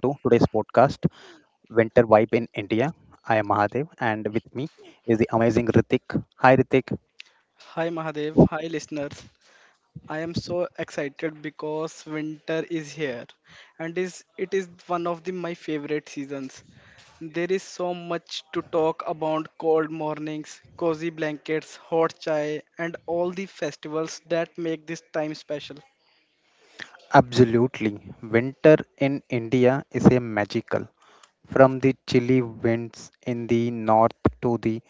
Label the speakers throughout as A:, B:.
A: Winter Vibe in India. I am Mahadev and with me is the amazing Ritik. Hi Ritik.
B: Hi Mahadev, hi listeners. I am so excited because winter is here and is it is one of the my favorite seasons. There is so much to talk about cold mornings, cozy blankets, hot chai and all the festivals that make this time special.
A: Absolutely. Winter in India is a magical. From the chilly winds in the north to the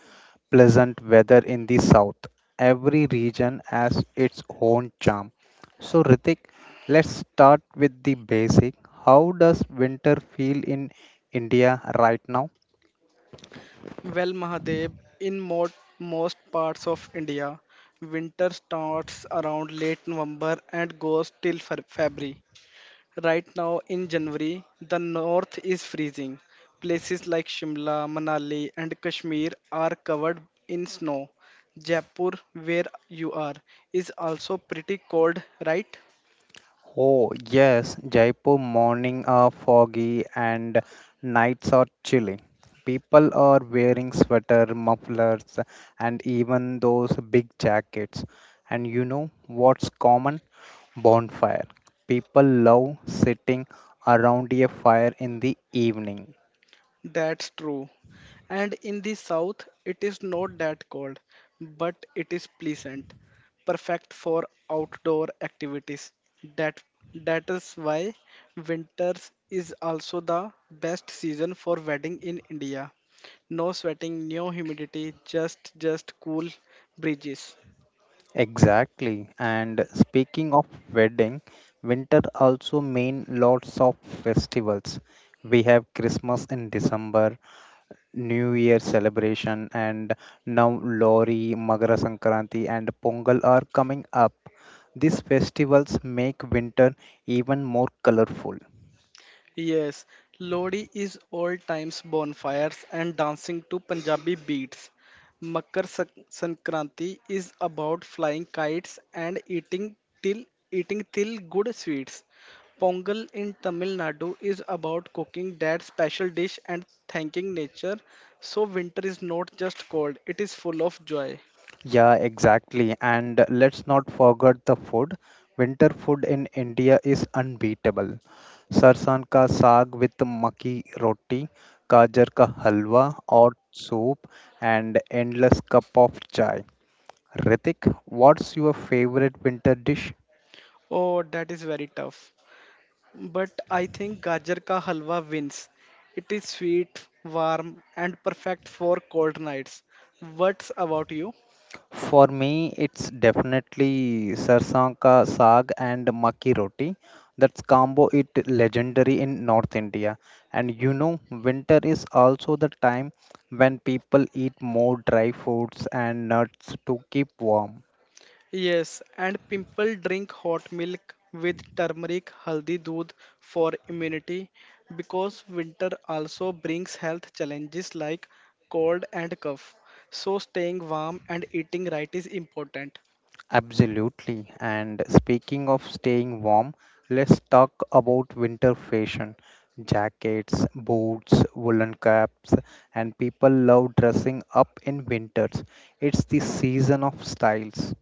A: pleasant weather in the south. Every region has its own charm. So, Ritik, let's start with the basic. How does winter feel in India right now?
B: Well Mahadev, in most parts of India, winter starts around late November and goes till February. Right now in January, the north is freezing. Places like Shimla, Manali, and Kashmir are covered in snow. Jaipur, where you are, is also pretty cold, right?
A: Oh, yes, Jaipur morning are foggy and nights are chilly. People are wearing sweater, mufflers, and even those big jackets. And you know what's common? Bonfire. People love sitting around a fire in the evening.
B: That's true. And in the south, it is not that cold, but it is pleasant, perfect for outdoor activities. That that is why winters is also the best season for wedding in India. No sweating, no humidity, just cool breezes.
A: Exactly. And speaking of wedding, winter also mean lots of festivals. We have Christmas in December New Year celebration, and now Lori, Magara Sankranti, and Pongal are coming up. These festivals make winter even more colorful.
B: Yes, Lodi is all times bonfires and dancing to Punjabi beats. Makar Sankranti is about flying kites and till eating till good sweets. Pongal in Tamil Nadu is about cooking that special dish and thanking nature. So winter is not just cold, it is full of joy.
A: Yeah, exactly. And let's not forget the food. Winter food in India is unbeatable. Sarson ka saag with maki roti, गाजर ka halwa, और soup and endless cup of chai. Ritik, what's your favorite winter dish?
B: Oh, that is very tough. But I think Gajar ka halwa wins. It is sweet, warm, and perfect for cold nights. What's about you?
A: For me, it's definitely Sarson Ka Saag and Makki Roti. That's combo it legendary in North India. And you know, winter is also the time when people eat more dry foods and nuts to keep warm.
B: Yes, and people drink hot milk with turmeric haldi doodh for immunity because winter also brings health challenges like cold and cough. So staying warm and eating right is important.
A: Absolutely. And speaking of staying warm, let's talk about winter fashion. Jackets, boots, woolen caps, and people love dressing up in winters. It's the season of styles.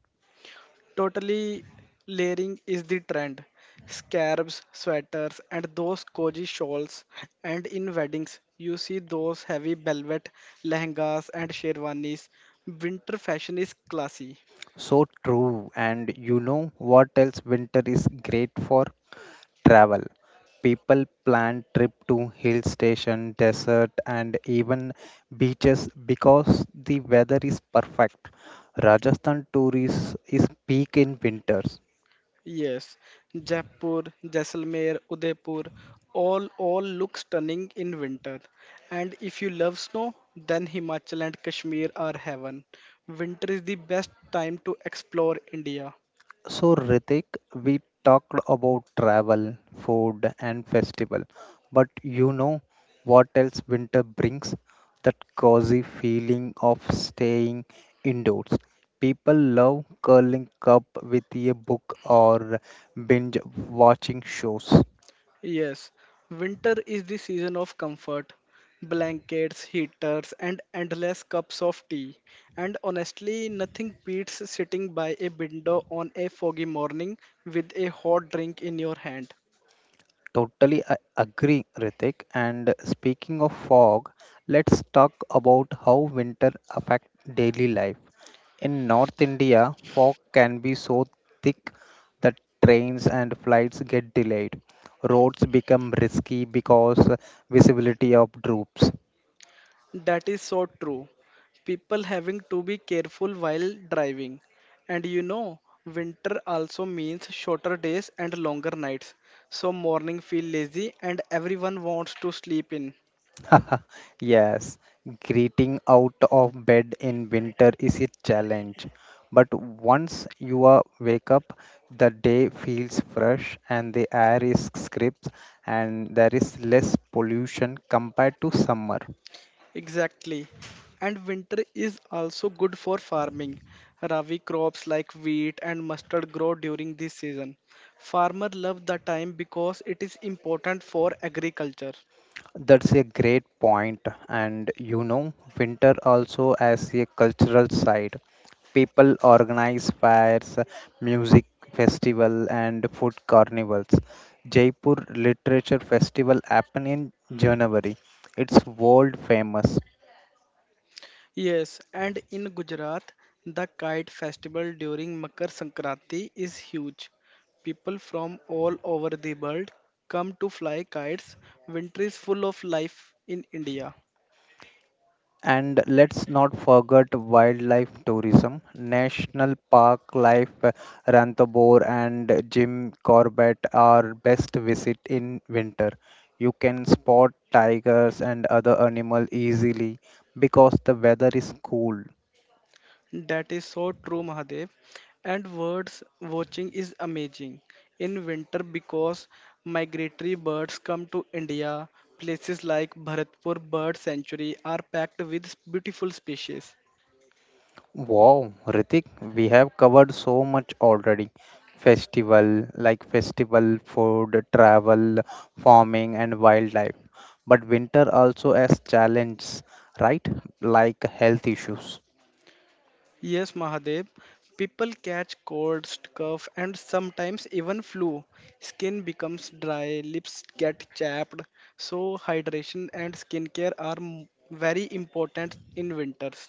B: Totally layering is the trend. Scarves, sweaters, and those cozy shawls. And in weddings, you see those heavy velvet lehengas and sherwanis. Winter fashion is classy.
A: So true. And you know what else winter is great for? Travel. People plan trip to hill station, desert and even beaches because the weather is perfect. Rajasthan tourism is peak in winters.
B: Yes, Jaipur, Jaisalmer, Udaipur, all look stunning in winter. And if you love snow, then Himachal and Kashmir are heaven. Winter is the best time to explore India.
A: So, Ritik, we talked about travel, food, and festival, but you know what else winter brings? That cozy feeling of staying indoors. People love curling up with a book or binge watching shows.
B: Yes, winter is the season of comfort. Blankets, heaters, and endless cups of tea. And honestly, nothing beats sitting by a window on a foggy morning with a hot drink in your hand.
A: Totally agree, Ritik. And speaking of fog, let's talk about how winter affects daily life. In North India, fog can be so thick that trains and flights get delayed. Roads become risky because visibility of droops.
B: That is so true. People having to be careful while driving. And you know, winter also means shorter days and longer nights. So morning feel lazy and everyone wants to sleep in.
A: Yes, getting out of bed in winter is a challenge. But once you are wake up, the day feels fresh and the air is crisp and there is less pollution compared to summer.
B: Exactly. And winter is also good for farming. Rabi crops like wheat and mustard grow during this season. Farmers love the time because it is important for agriculture.
A: That's a great point, and you know, winter also as a cultural side. People organize fires, music festival, and food carnivals. Jaipur Literature Festival happen in January. It's world famous.
B: Yes, and in Gujarat, the kite festival during Makar Sankranti is huge. People from all over the world come to fly kites. Winter is full of life in India.
A: And let's not forget wildlife tourism. National Park Life Ranthambore and Jim Corbett are best visit in winter. You can spot tigers and other animals easily because the weather is cool.
B: That is so true, Mahadev. And birds watching is amazing in winter because migratory birds come to India. Places like Bharatpur Bird Sanctuary are packed with beautiful species.
A: Wow, Ritik, we have covered so much already. Festival, like festival food, travel, farming, and wildlife. But winter also has challenges, right? Like health issues.
B: Yes, Mahadev. People catch colds, cough, and sometimes even flu. Skin becomes dry, lips get chapped. So, hydration and skincare are very important in winters.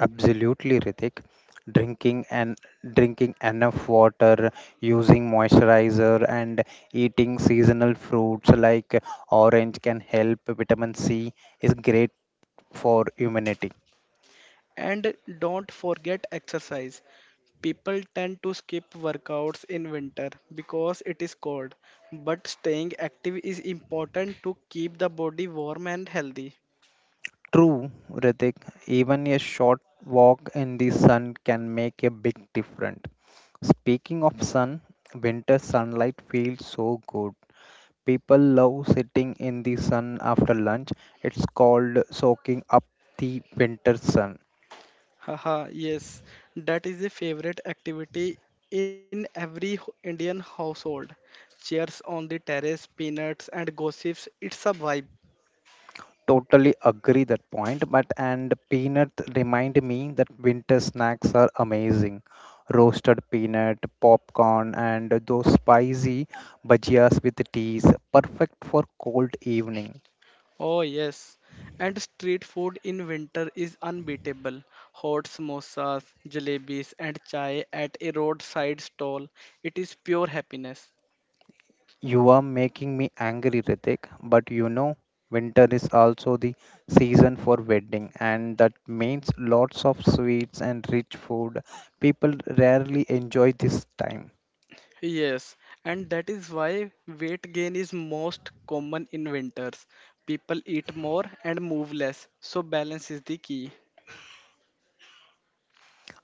A: Absolutely, Ritik. Drinking and drinking enough water, using moisturizer, and eating seasonal fruits like orange can help. Vitamin C is great for immunity.
B: And don't forget exercise. People tend to skip workouts in winter because it is cold, but staying active is important to keep the body warm and healthy.
A: True, Ritik, even a short walk in the sun can make a big difference. Speaking of sun, winter sunlight feels so good. People love sitting in the sun after lunch. It's called soaking up the winter sun.
B: Haha, yes, that is the favorite activity in every Indian household. Chairs on the terrace, peanuts, and gossips. It's a vibe.
A: Totally agree that point, but and peanut remind me that winter snacks are amazing. Roasted peanut, popcorn, and those spicy bhajias with teas, perfect for cold evening.
B: Oh, yes. And street food in winter is unbeatable. Hot samosas, jalebis, and chai at a roadside stall. It is pure happiness.
A: You are making me angry, Ritik, but you know, winter is also the season for wedding, and that means lots of sweets and rich food. People rarely enjoy this time.
B: Yes, and that is why weight gain is most common in winters. People eat more and move less, so balance is the key.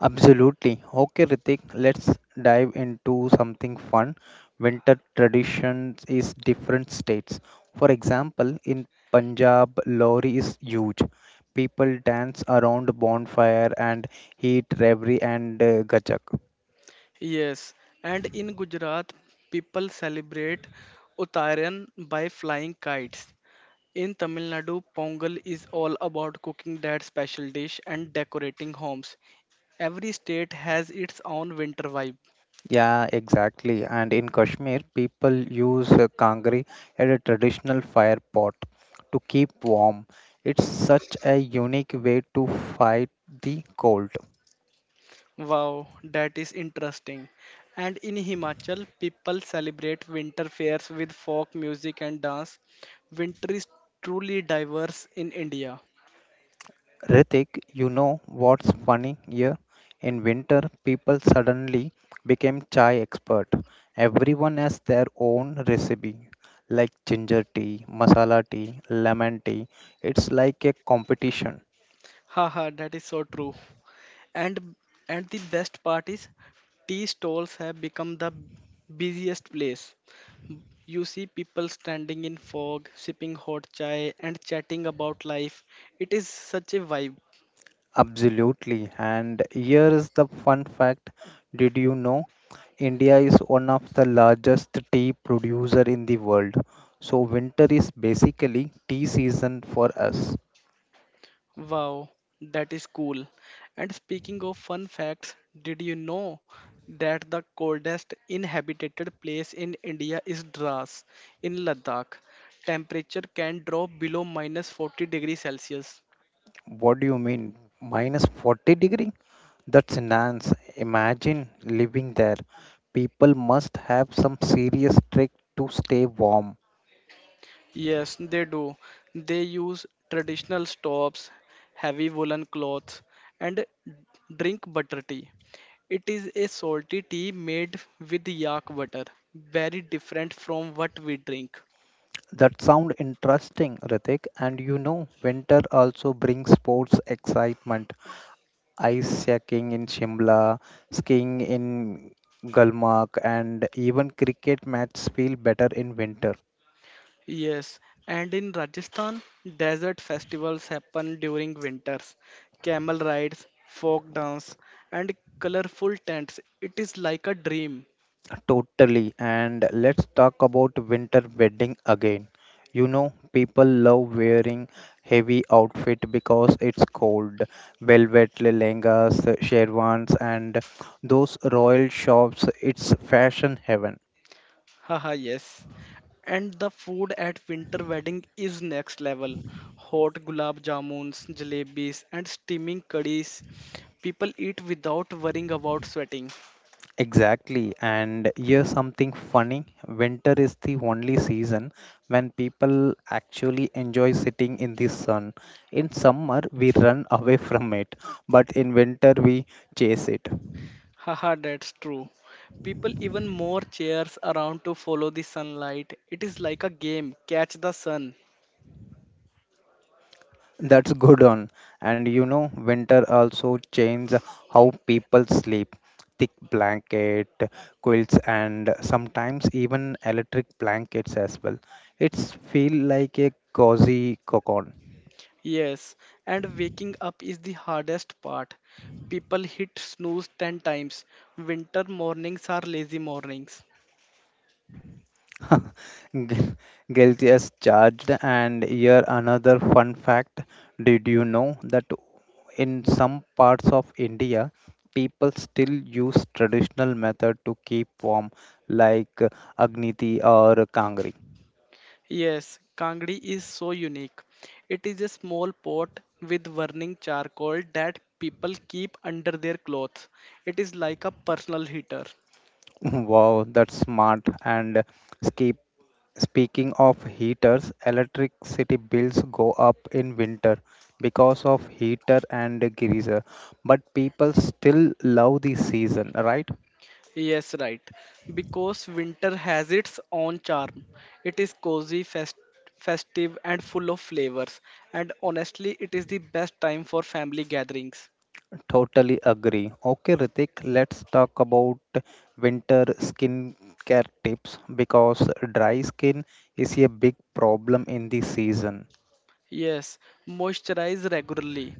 A: Absolutely. Okay, Ritik, let's dive into something fun. Winter traditions is different states. For example, in Punjab, Lohri is huge. People dance around bonfire and eat revri and gajak.
B: Yes, and in Gujarat, people celebrate Uttarayan by flying kites. In Tamil Nadu, Pongal is all about cooking that special dish and decorating homes. Every state has its own winter vibe.
A: Yeah, exactly. And in Kashmir, people use kangri as a traditional fire pot to keep warm. It's such a unique way to fight the cold.
B: Wow, that is interesting. And in Himachal, people celebrate winter fairs with folk music and dance. Winter is truly diverse in India.
A: Ritik, you know what's funny here? In winter, people suddenly became chai expert. Everyone has their own recipe, like ginger tea, masala tea, lemon tea. It's like a competition.
B: Haha, that is so true. And and the best part is tea stalls have become the busiest place. You see people standing in fog, sipping hot chai, and chatting about life. It is such a vibe.
A: Absolutely. And here is the fun fact. Did you know India is one of the largest tea producer in the world? So winter is basically tea season for us.
B: Wow, that is cool. And speaking of fun facts, did you know that the coldest inhabited place in India is Dras in Ladakh? Temperature can drop below minus 40 degrees Celsius.
A: What do you mean? Minus 40 degree? That's nonsense. Imagine living there. People must have some serious trick to stay warm.
B: Yes, they do. They use traditional stoves, heavy woolen cloths, and drink butter tea. It is a salty tea made with yak butter, very different from what we drink.
A: That sound interesting, Ritik. And you know, winter also brings sports excitement. Ice skating in Shimla, skiing in Gulmarg, and even cricket matches feel better in winter.
B: Yes, and in Rajasthan, desert festivals happen during winters. Camel rides, folk dance, and colorful tents. It is like a dream.
A: Totally. And let's talk about winter wedding again. You know, people love wearing heavy outfit because it's cold. Velvet lehengas, sherwans, and those royal shops. It's fashion heaven.
B: Haha, yes. And the food at winter wedding is next level. Hot gulab jamuns, jalebis, and steaming curries. People eat without worrying about sweating.
A: Exactly. And here's something funny. Winter is the only season when people actually enjoy sitting in the sun. In summer, we run away from it, but in winter, we chase it.
B: Haha, that's true. People even more chairs around to follow the sunlight. It is like a game, catch the sun.
A: That's good on. And you know, winter also changes how people sleep. Thick blanket, quilts, and sometimes even electric blankets as well. It's feel like a cozy cocoon.
B: Yes, and waking up is the hardest part. People hit snooze 10 times. Winter mornings are lazy mornings.
A: Gu- Guilty as charged. And here another fun fact. Did you know that in some parts of India, people still use traditional method to keep warm, like Agniti or Kangri?
B: Yes, Kangdi is so unique. It is a small pot with burning charcoal that people keep under their clothes. It is like a personal heater.
A: Wow, that's smart. And skip, speaking of heaters, electricity bills go up in winter because of heater and geyser. But people still love the season, right?
B: Yes, right. Because winter has its own charm. It is cozy, festive, and full of flavors. And honestly, it is the best time for family gatherings.
A: Totally agree. Okay, Ritik, let's talk about winter skincare tips because dry skin is a big problem in the season.
B: Yes, moisturize regularly.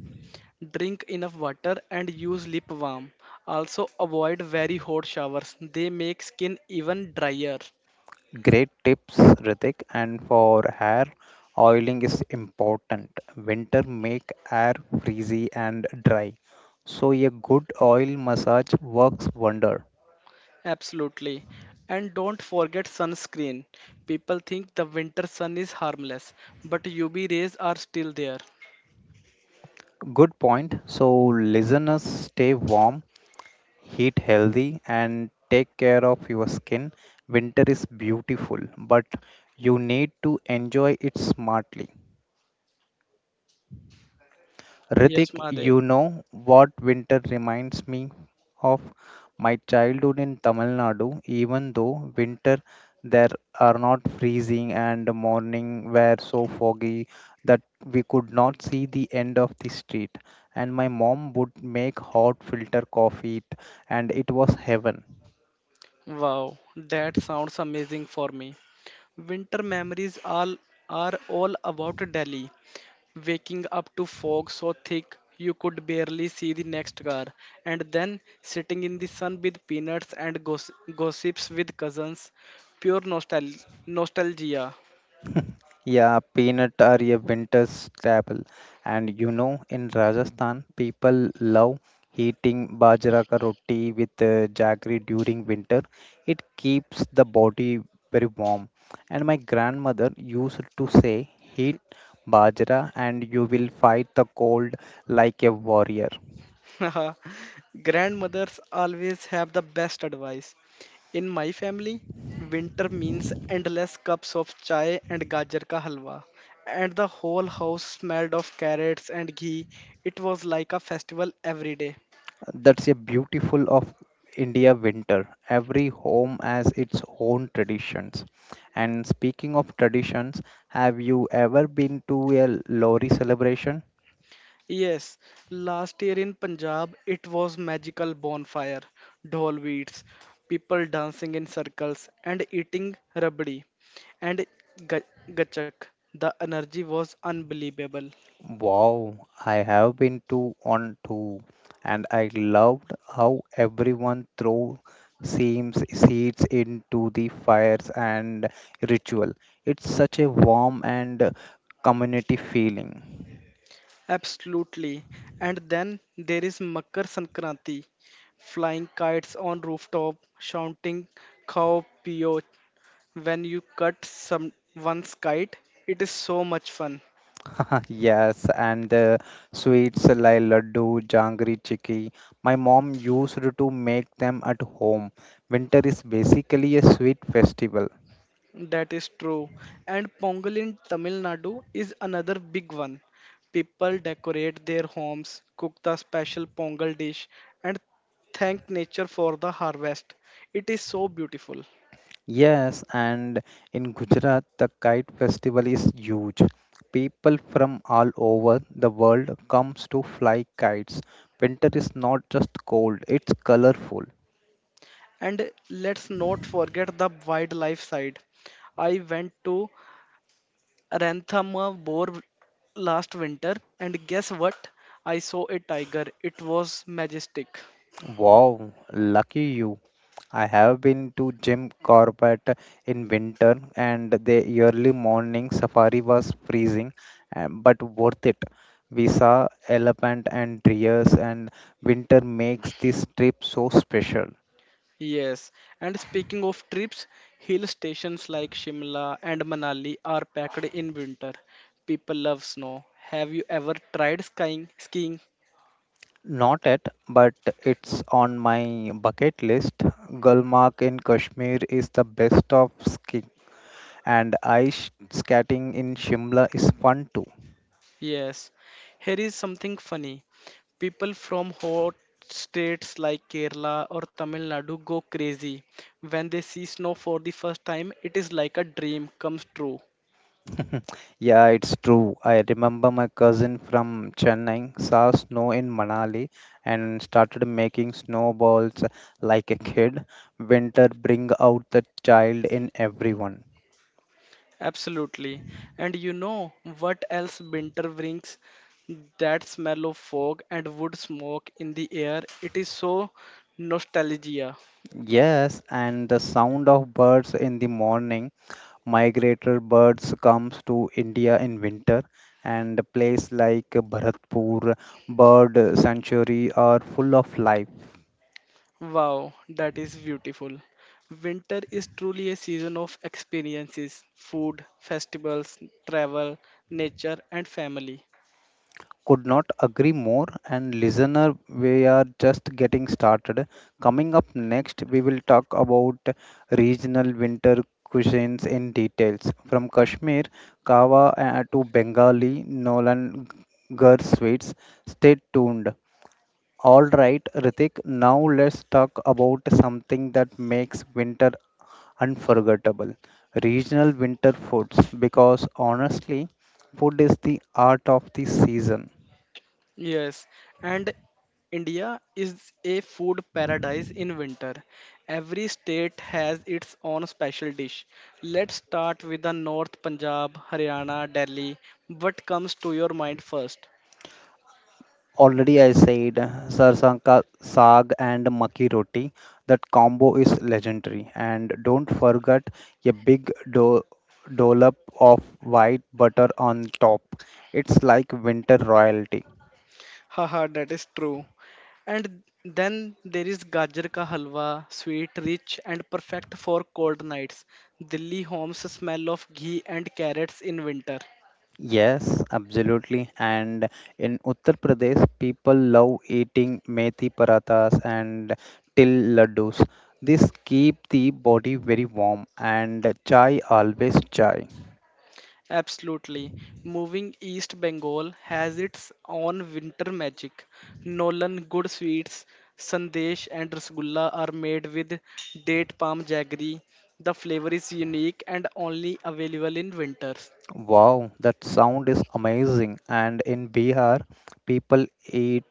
B: Drink enough water and use lip balm. Also, avoid very hot showers, they make skin even drier.
A: Great tips, Ritik. And for hair, oiling is important. Winter make hair frizzy and dry. So a good oil massage works wonder.
B: Absolutely. And don't forget sunscreen. People think the winter sun is harmless, but UV rays are still there.
A: Good point. So listeners, stay warm, heat healthy, and take care of your skin. Winter is beautiful, but you need to enjoy it smartly.
B: Yes,
A: Ritik,
B: Mahadev.
A: you know what winter reminds me of? My childhood in Tamil Nadu, even though winter there are not freezing and the morning were so foggy that we could not see the end of the street. And my mom would make hot filter coffee and it was heaven.
B: Wow, that sounds amazing for me. Winter memories all are all about Delhi. Waking up to fog so thick you could barely see the next car, and then sitting in the sun with peanuts and gossips with cousins. Pure nostalgia.
A: Yeah, peanut are a winter staple. And you know, in Rajasthan, people love eating bajra ka roti with jaggery during winter. It keeps the body very warm. And my grandmother used to say, "Eat bajra and you will fight the cold like a warrior.
B: Grandmothers always have the best advice. In my family, winter means endless cups of chai and gajar ka halwa. And the whole house smelled of carrots and ghee. It was like a festival every day.
A: That's a beautiful of India winter. Every home has its own traditions. And speaking of traditions, have you ever been to a Lori celebration?
B: Yes, last year in Punjab, it was magical bonfire, dhol beats, people dancing in circles and eating rabdi and ga- gachak. The energy was unbelievable.
A: Wow, I have been to one too, and I loved how everyone threw seams seeds into the fires and ritual. It's such a warm and community feeling.
B: Absolutely. And then there is Makar Sankranti, flying kites on rooftop, shouting "Khao Piyo." When you cut some one's kite, it is so much fun.
A: Yes, and the sweets like laddu, jangri, chikki. My mom used to make them at home. Winter is basically a sweet festival.
B: That is true. And Pongal in Tamil Nadu is another big one. People decorate their homes, cook the special Pongal dish, and thank nature for the harvest. It is so beautiful.
A: Yes, and in Gujarat, the kite festival is huge. People from all over the world comes to fly kites. Winter is not just cold, it's colorful.
B: And let's not forget the wildlife side. I went to Ranthama Bore last winter, and guess what? I saw a tiger. It was majestic.
A: Wow, lucky you. I have been to Jim Corbett in winter, and the early morning safari was freezing, but worth it. We saw elephant and deers, and winter makes this trip so special.
B: Yes, and speaking of trips, hill stations like Shimla and Manali are packed in winter. People love snow. Have you ever tried skiing? Skiing?
A: Not yet, but it's on my bucket list. Gulmarg in Kashmir is the best of skiing, and ice skating in Shimla is fun too.
B: Yes. Here is something funny. People from hot states like Kerala or Tamil Nadu go crazy when they see snow for the first time. It is like a dream comes true.
A: Yeah, it's true. I remember my cousin from Chennai saw snow in Manali and started making snowballs like a kid. Winter bring out the child in everyone.
B: Absolutely. And you know what else winter brings? That smell of fog and wood smoke in the air. It is so nostalgia.
A: Yes, and the sound of birds in the morning. Migratory birds comes to India in winter, and a place like Bharatpur Bird Sanctuary are full of life.
B: Wow, that is beautiful. Winter is truly a season of experiences, food, festivals, travel, nature, and family.
A: Could not agree more. And listener, we are just getting started. Coming up next, we will talk about regional winter cuisines in details. From Kashmir, Kawa to Bengali, Nolan Gur sweets. Stay tuned. All right, Ritik, now let's talk about something that makes winter unforgettable regional winter foods because honestly food is the art of the season
B: Yes, and India is a food paradise in winter. Every state has its own special dish. Let's start with the North Punjab, Haryana, Delhi. What comes to your mind first?
A: Already I said sarsanka saag and maki roti. That combo is legendary. And don't forget a big dollop of white butter on top. It's like winter royalty.
B: Haha, that is true. And then there is Gajar ka halwa, sweet, rich, and perfect for cold nights. Delhi homes smell of ghee and carrots in winter.
A: Yes, absolutely. And in Uttar Pradesh, people love eating methi parathas and till laddus. This keep the body very warm and chai always chai.
B: Absolutely. Moving East Bengal has its own winter magic. Nolan good sweets, sandesh and rasgulla are made with date palm jaggery. The flavor is unique and only available in winters.
A: Wow, that sound is amazing. And in Bihar, people eat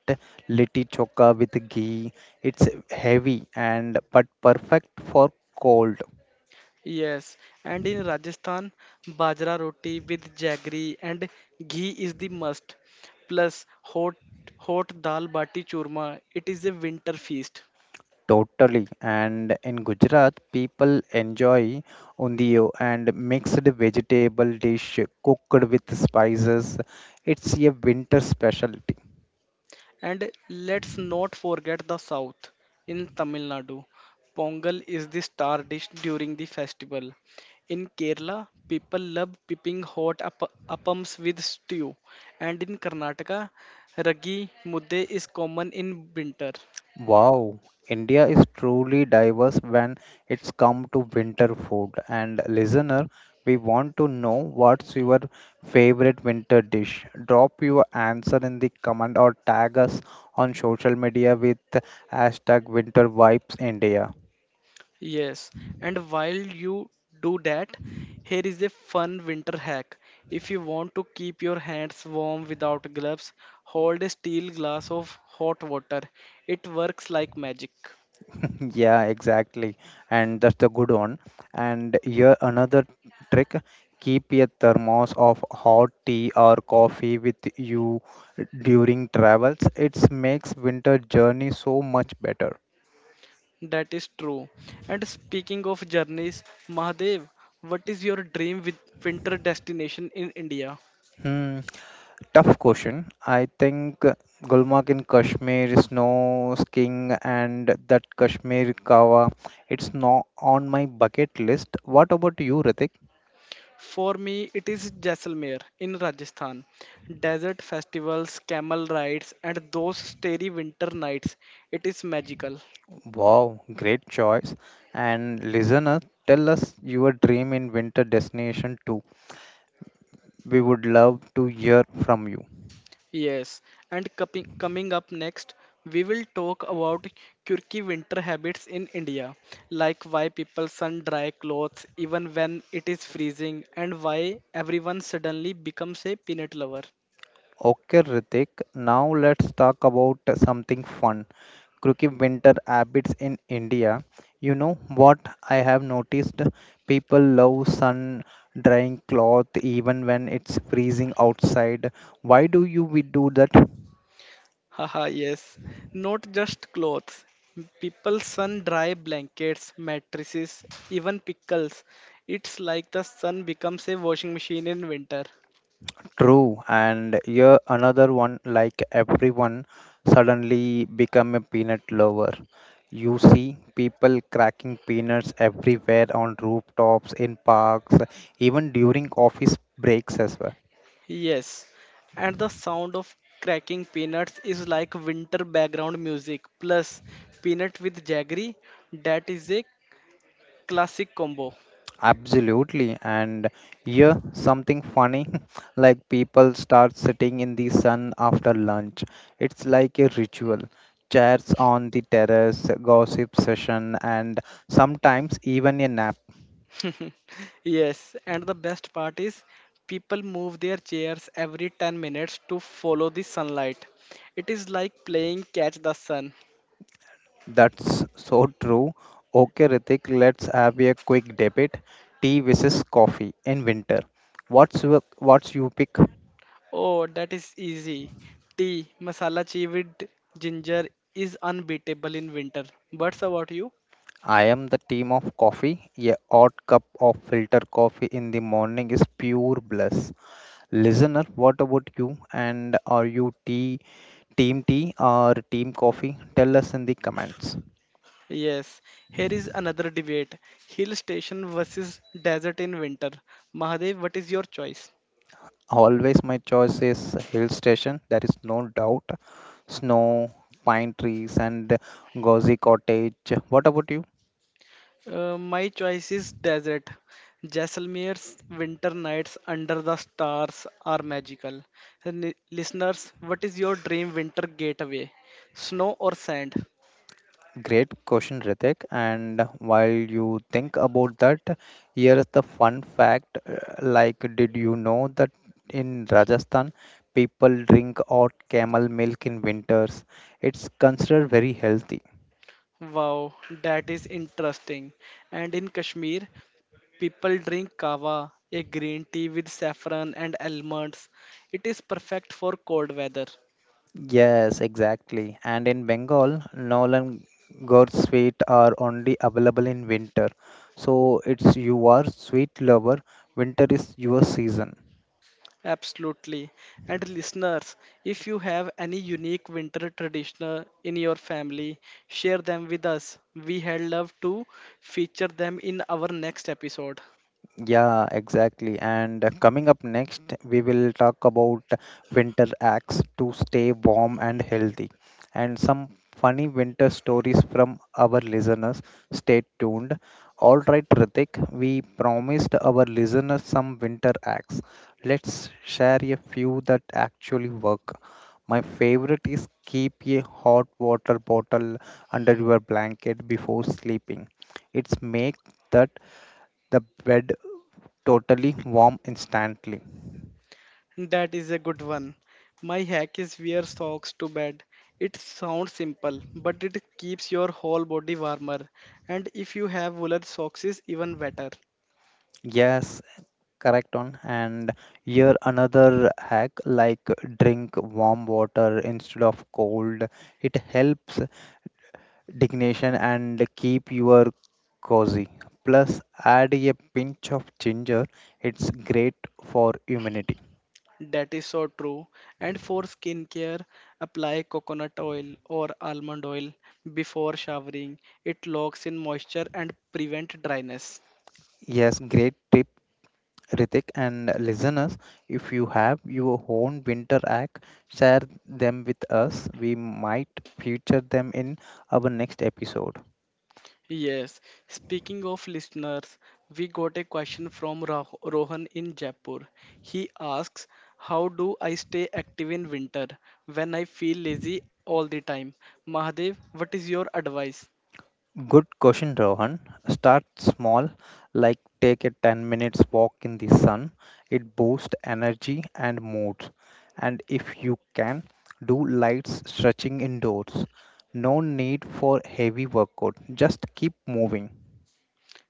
A: litti choka with ghee. It's heavy and but perfect for cold.
B: Yes, and in Rajasthan, bajra roti with jaggery and ghee is the must. Plus hot dal bati churma. It is a winter feast.
A: Totally. And in Gujarat, people enjoy undio and mixed vegetable dish cooked with spices. It's a winter specialty.
B: And let's not forget the south. In Tamil Nadu, Pongal is the star dish during the festival. In Kerala, people love pipping hot appams with stew. And in Karnataka, ragi mudde is common in winter.
A: Wow, India is truly diverse when it's come to winter food. And listener, we want to know what's your favorite winter dish. Drop your answer in the comment or tag us on social media with hashtag winter vibes India.
B: Yes, and while you do that, here is a fun winter hack. If you want to keep your hands warm without gloves, hold a steel glass of hot water. It works like magic.
A: Yeah, exactly. And that's the good one. And here another trick, keep a thermos of hot tea or coffee with you during travels. It makes winter journey so much better.
B: That is true. And speaking of journeys, Mahadev, what is your dream with winter destination in India?
A: Hmm, tough question. I think Gulmarg in Kashmir, snow skiing, and that Kashmir kawa, it's not on my bucket list. What about you, Ritik?
B: For me, it is Jaisalmer in Rajasthan. Desert festivals, camel rides, and those starry winter nights. It is magical.
A: Wow, great choice. And listener, tell us your dream in winter destination too. We would love to hear from you.
B: Yes, and coming up next, we will talk about quirky winter habits in India, like why people sun dry clothes even when it is freezing, and why everyone suddenly becomes a peanut lover.
A: Okay, Ritik, now let's talk about something fun. Crooked winter habits in India. You know what I have noticed? People love sun drying cloth even when it's freezing outside. Why do you we do that?
B: Haha, yes, not just clothes. People sun dry blankets, mattresses, even pickles. It's like the sun becomes a washing machine in winter.
A: True, and here another one like everyone suddenly become a peanut lover. You see people cracking peanuts everywhere on rooftops, in parks, even during office breaks as well.
B: Yes, and the sound of cracking peanuts is like winter background music plus peanut with jaggery. That is a classic combo.
A: Absolutely, and here something funny like people start sitting in the sun after lunch. It's like a ritual. Chairs on the terrace, gossip session, and sometimes even a nap.
B: Yes, and the best part is people move their chairs every 10 minutes to follow the sunlight. It is like playing catch the sun.
A: That's so true. Okay, Ritik, let's have a quick debate. Tea versus coffee in winter. What's you pick?
B: Oh, that is easy. Tea, masala chai with ginger is unbeatable in winter. What's about you?
A: I am the team of coffee. A hot cup of filter coffee in the morning is pure bliss. Listener, what about you? And are you team tea or team coffee? Tell us in the comments.
B: Yes, here is another debate hill station versus desert in winter. Mahadev, what is your choice?
A: Always my choice is hill station. There is no doubt. Snow, pine trees, and cozy cottage. What about you?
B: My choice is desert. Jaisalmer's winter nights under the stars are magical. And listeners, what is your dream winter getaway? Snow or sand?
A: Great question, Ritik. And while you think about that, here is the fun fact. Like, did you know that in Rajasthan, people drink hot camel milk in winters? It's considered very healthy.
B: Wow, that is interesting. And in Kashmir, people drink kava, a green tea with saffron and almonds. It is perfect for cold weather.
A: Yes, exactly. And in Bengal, Nolan gourd sweet are only available in winter. So it's you are sweet lover, winter is your season.
B: Absolutely. And listeners, if you have any unique winter tradition in your family, share them with us. We had love to feature them in our next episode.
A: Yeah, exactly. And coming up next, we will talk about winter acts to stay warm and healthy, and some funny winter stories from our listeners. Stay tuned. All right, Ritik, we promised our listeners some winter acts. Let's share a few that actually work. My favorite is keep a hot water bottle under your blanket before sleeping. It's make that the bed totally warm instantly.
B: That is a good one. My hack is wear socks to bed. It sounds simple, but it keeps your whole body warmer. And if you have woolen socks, is even better.
A: Yes, correct on. And here another hack like drink warm water instead of cold. It helps digestion and keep your cozy. Plus, add a pinch of ginger. It's great for immunity.
B: That is so true. And for skincare, apply coconut oil or almond oil before showering. It locks in moisture and prevent dryness.
A: Yes, great tip. Ritik and listeners, if you have your own winter hack, share them with us. We might feature them in our next episode.
B: Yes, speaking of listeners, we got a question from Rohan in Jaipur. He asks, how do I stay active in winter when I feel lazy all the time? Mahadev, what is your advice?
A: Good question, Rohan. Start small, like take a 10 minutes walk in the sun. It boosts energy and mood. And if you can, do light stretching indoors. No need for heavy workout, just keep moving.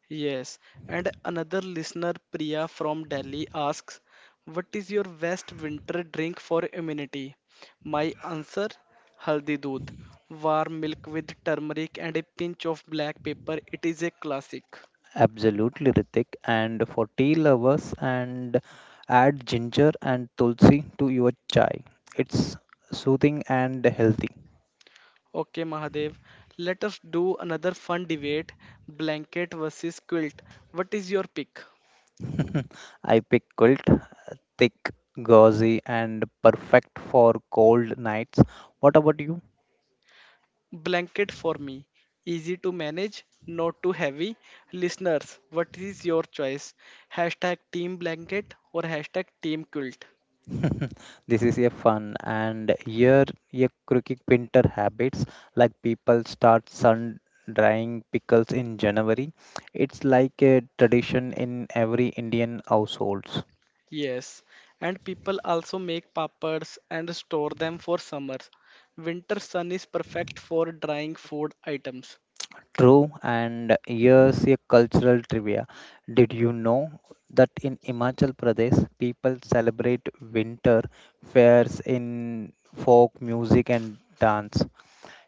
B: Yes, and another listener, Priya from Delhi, asks, what is your best winter drink for immunity? My answer, haldi doodh, warm milk with turmeric and a pinch of black pepper. It is a classic.
A: Absolutely, Ritik. And for tea lovers, and add ginger and tulsi to your chai. It's soothing and healthy.
B: Okay, Mahadev, let us do another fun debate, blanket versus quilt. What is your pick?
A: I pick quilt, thick, gauzy, and perfect for cold nights. What about you?
B: Blanket for me. Easy to manage, not too heavy. Listeners, what is your choice? Hashtag team blanket or hashtag team quilt.
A: This is a fun and here a crooked winter habits like people start sun drying pickles in January. It's like a tradition in every Indian households.
B: Yes, and people also make pappers and store them for summers. Winter sun is perfect for drying food items.
A: True, and here's a cultural trivia. Did you know that in Himachal Pradesh, people celebrate winter fairs in folk music and dance?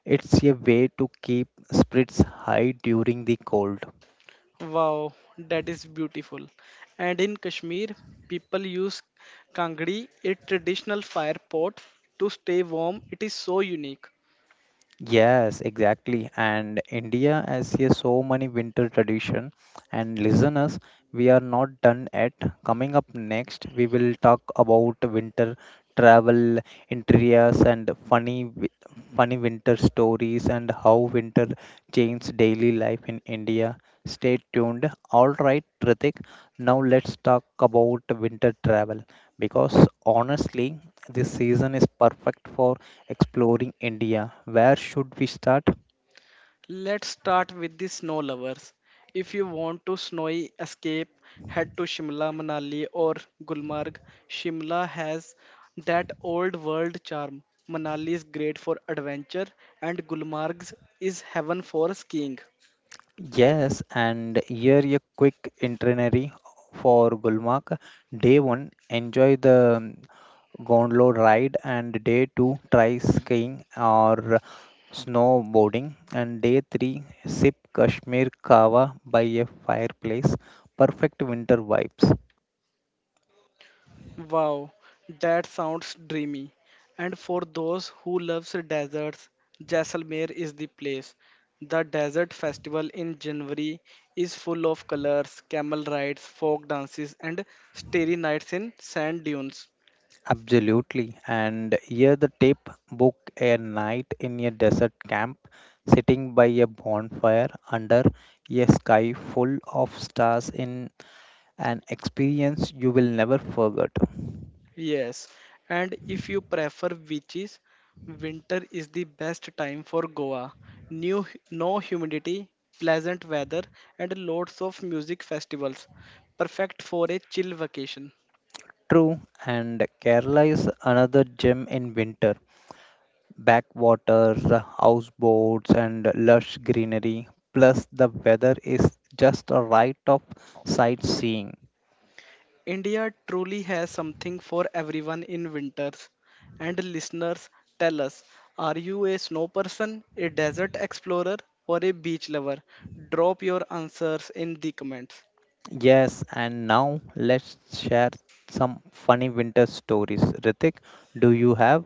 A: It's a way to keep spirits high during the cold.
B: Wow, that is beautiful. And in Kashmir, people use kangdi, a traditional fire pot, to stay warm. It is so unique.
A: Yes, exactly. And India has here so many winter tradition. And listeners, we are not done yet. Coming up next, we will talk about winter travel, interiors, and funny winter stories, and how winter changes daily life in India. Stay tuned. All right, Ritik. Now let's talk about winter travel because honestly, this season is perfect for exploring India. Where should we start?
B: Let's start with the snow lovers. If you want to snowy escape, head to Shimla, Manali, or Gulmarg. Shimla has that old world charm. Manali is great for adventure, and Gulmarg is heaven for skiing.
A: Yes, and here a quick itinerary for Gulmarg. Day 1, enjoy the gondola ride, and day 2, try skiing or snowboarding, and day 3, sip Kashmir Kawa by a fireplace. Perfect winter vibes.
B: Wow, that sounds dreamy. And for those who loves deserts, Jaisalmer is the place. The desert festival in January is full of colors, camel rides, folk dances, and starry nights in sand dunes.
A: Absolutely. And here the tip book a night in a desert camp, sitting by a bonfire under a sky full of stars in an experience you will never forget.
B: Yes, and if you prefer beaches, winter is the best time for Goa. New, no humidity, pleasant weather, and lots of music festivals. Perfect for a chill vacation.
A: True, and Kerala is another gem in winter. Backwaters, houseboats, and lush greenery. Plus, the weather is just a right of sightseeing.
B: India truly has something for everyone in winters. And listeners, tell us are you a snow person, a desert explorer, or a beach lover? Drop your answers in the comments.
A: Yes, and now let's share some funny winter stories. Ritik, do you have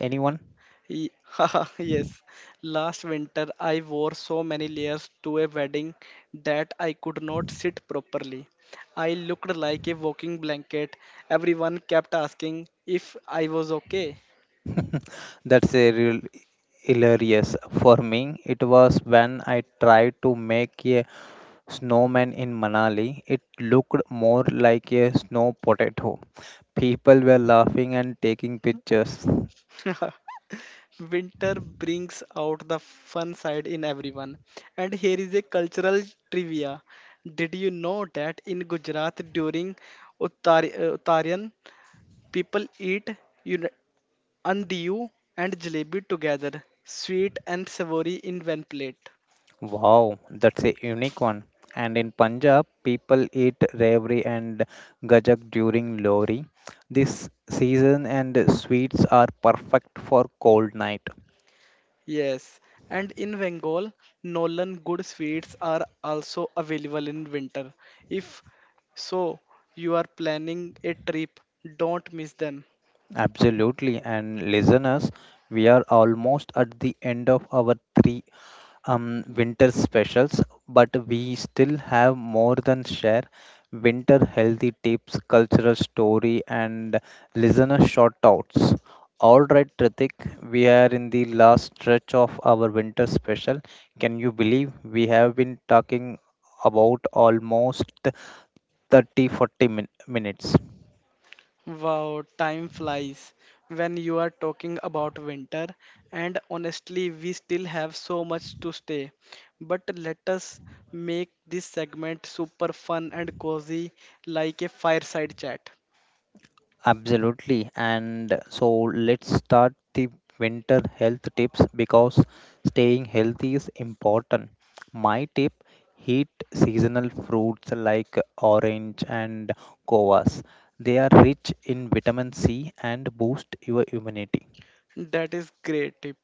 A: anyone?
B: Haha, yes, last winter I wore so many layers to a wedding that I could not sit properly. I looked like a walking blanket. Everyone kept asking if I was okay.
A: That's a real hilarious. For me, it was when I tried to make a snowman in Manali. It looked more like a snow potato. People were laughing and taking pictures.
B: Winter brings out the fun side in everyone. And here is a cultural trivia. Did you know that in Gujarat during Uttarayan, people eat uni- andiyu and jalebi together, sweet and savory in one plate?
A: Wow, that's a unique one. And in Punjab, people eat revri and gajak during Lori. This season and sweets are perfect for cold night.
B: Yes, and in Bengal, Nolan good sweets are also available in winter. If so, you are planning a trip, don't miss them.
A: Absolutely. And listeners, we are almost at the end of our three winter specials, but we still have more than share winter healthy tips, cultural story, and listener shout outs. All right, Tritik, we are in the last stretch of our winter special. Can you believe we have been talking about almost 30, minutes?
B: Wow, time flies when you are talking about winter, and honestly, we still have so much to stay. But let us make this segment super fun and cozy, like a fireside chat.
A: Absolutely. And so let's start the winter health tips because staying healthy is important. My tip heat seasonal fruits like orange and guavas. They are rich in vitamin C and boost your immunity.
B: That is great tip.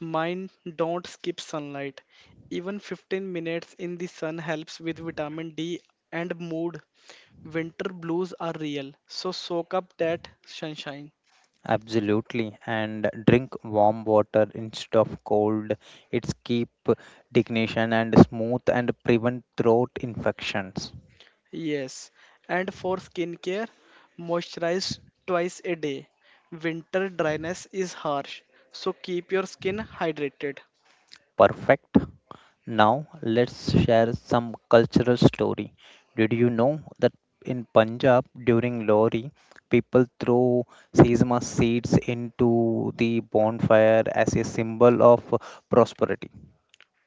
B: Mine don't skip sunlight. Even 15 minutes in the sun helps with vitamin D and mood. Winter blues are real, so soak up that sunshine.
A: Absolutely. And drink warm water instead of cold. It's keep digestion and smooth and prevent throat infections.
B: Yes, and for skincare, moisturize twice a day. Winter dryness is harsh, so keep your skin hydrated.
A: Perfect. Now let's share some cultural story. Did you know that in Punjab during Lohri, people throw sesame seeds into the bonfire as a symbol of prosperity?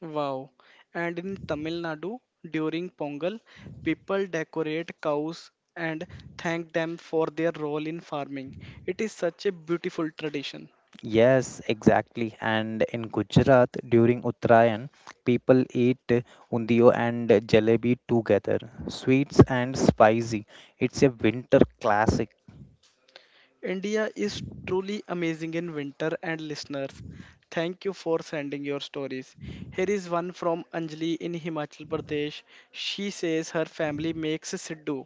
B: Wow. And in Tamil Nadu, during Pongal, people decorate cows and thank them for their role in farming. It is such a beautiful tradition.
A: Yes, exactly. And in Gujarat during Uttarayan, people eat undio and jalebi together, sweets and spicy. It's a winter classic.
B: India is truly amazing in winter, and listeners, thank you for sending your stories. Here is one from Anjali in Himachal Pradesh. She says her family makes siddu,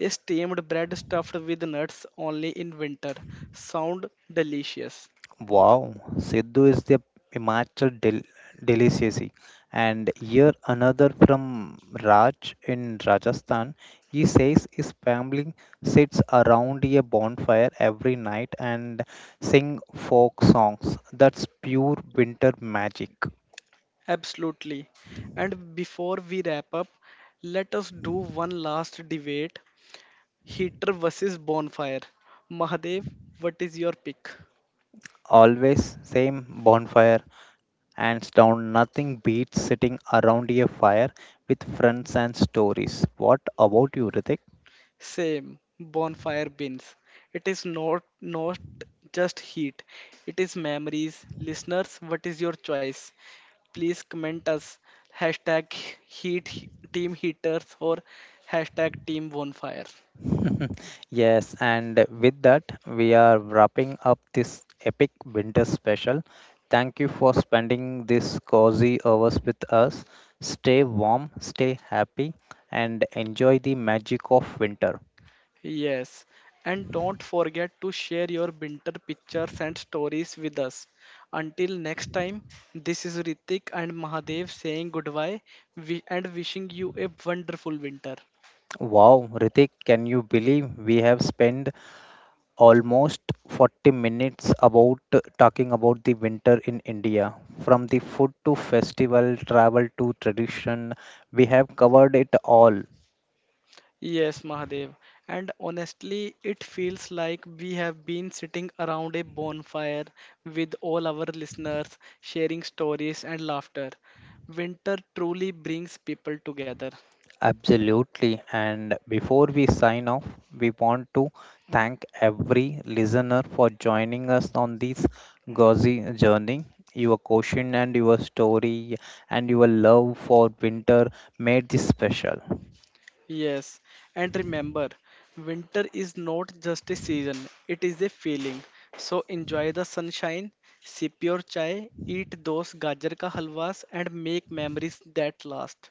B: a steamed bread stuffed with nuts only in winter. Sound delicious.
A: Wow, Sidhu is the Himachal delicacy. And here another from Raj in Rajasthan. He says his family sits around a bonfire every night and sing folk songs. That's pure winter magic.
B: Absolutely. And before we wrap up, let us do one last debate heater versus bonfire. Mahadev, what is your pick?
A: Always same bonfire. Hands down, nothing beats sitting around a fire with friends and stories. What about you, Ritik?
B: Same, bonfire bins. It is not just heat. It is memories. Listeners, what is your choice? Please comment us hashtag heat team heaters or hashtag team bonfire.
A: Yes, and with that, we are wrapping up this epic winter special. Thank you for spending this cozy hours with us. Stay warm, stay happy, and enjoy the magic of winter.
B: Yes. And don't forget to share your winter pictures and stories with us. Until next time, this is Ritik and Mahadev saying goodbye and wishing you a wonderful winter.
A: Wow, Ritik, can you believe we have spent almost 40 minutes about talking about the winter in India? From the food to festival, travel to tradition, we have covered it all.
B: Yes, Mahadev. And honestly, it feels like we have been sitting around a bonfire with all our listeners, sharing stories and laughter. Winter truly brings people together.
A: Absolutely. And before we sign off, we want to thank every listener for joining us on this gauzy journey. Your question and your story and your love for winter made this special.
B: Yes, and remember, winter is not just a season, it is a feeling. So enjoy the sunshine, sip your chai, eat those gajar ka halwas, and make memories that last.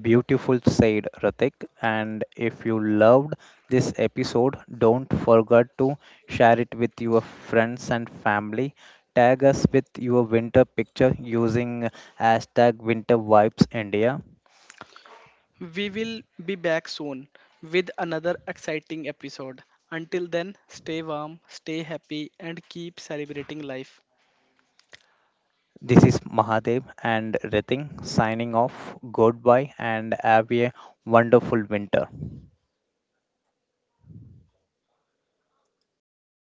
A: Beautiful said Ratik. And if you loved this episode, don't forget to share it with your friends and family. Tag us with your winter picture using hashtag winter vibes India.
B: We will be back soon with another exciting episode. Until then, stay warm, stay happy, and keep celebrating life.
A: This is Mahadev and Ritin signing off. Goodbye and have a wonderful winter.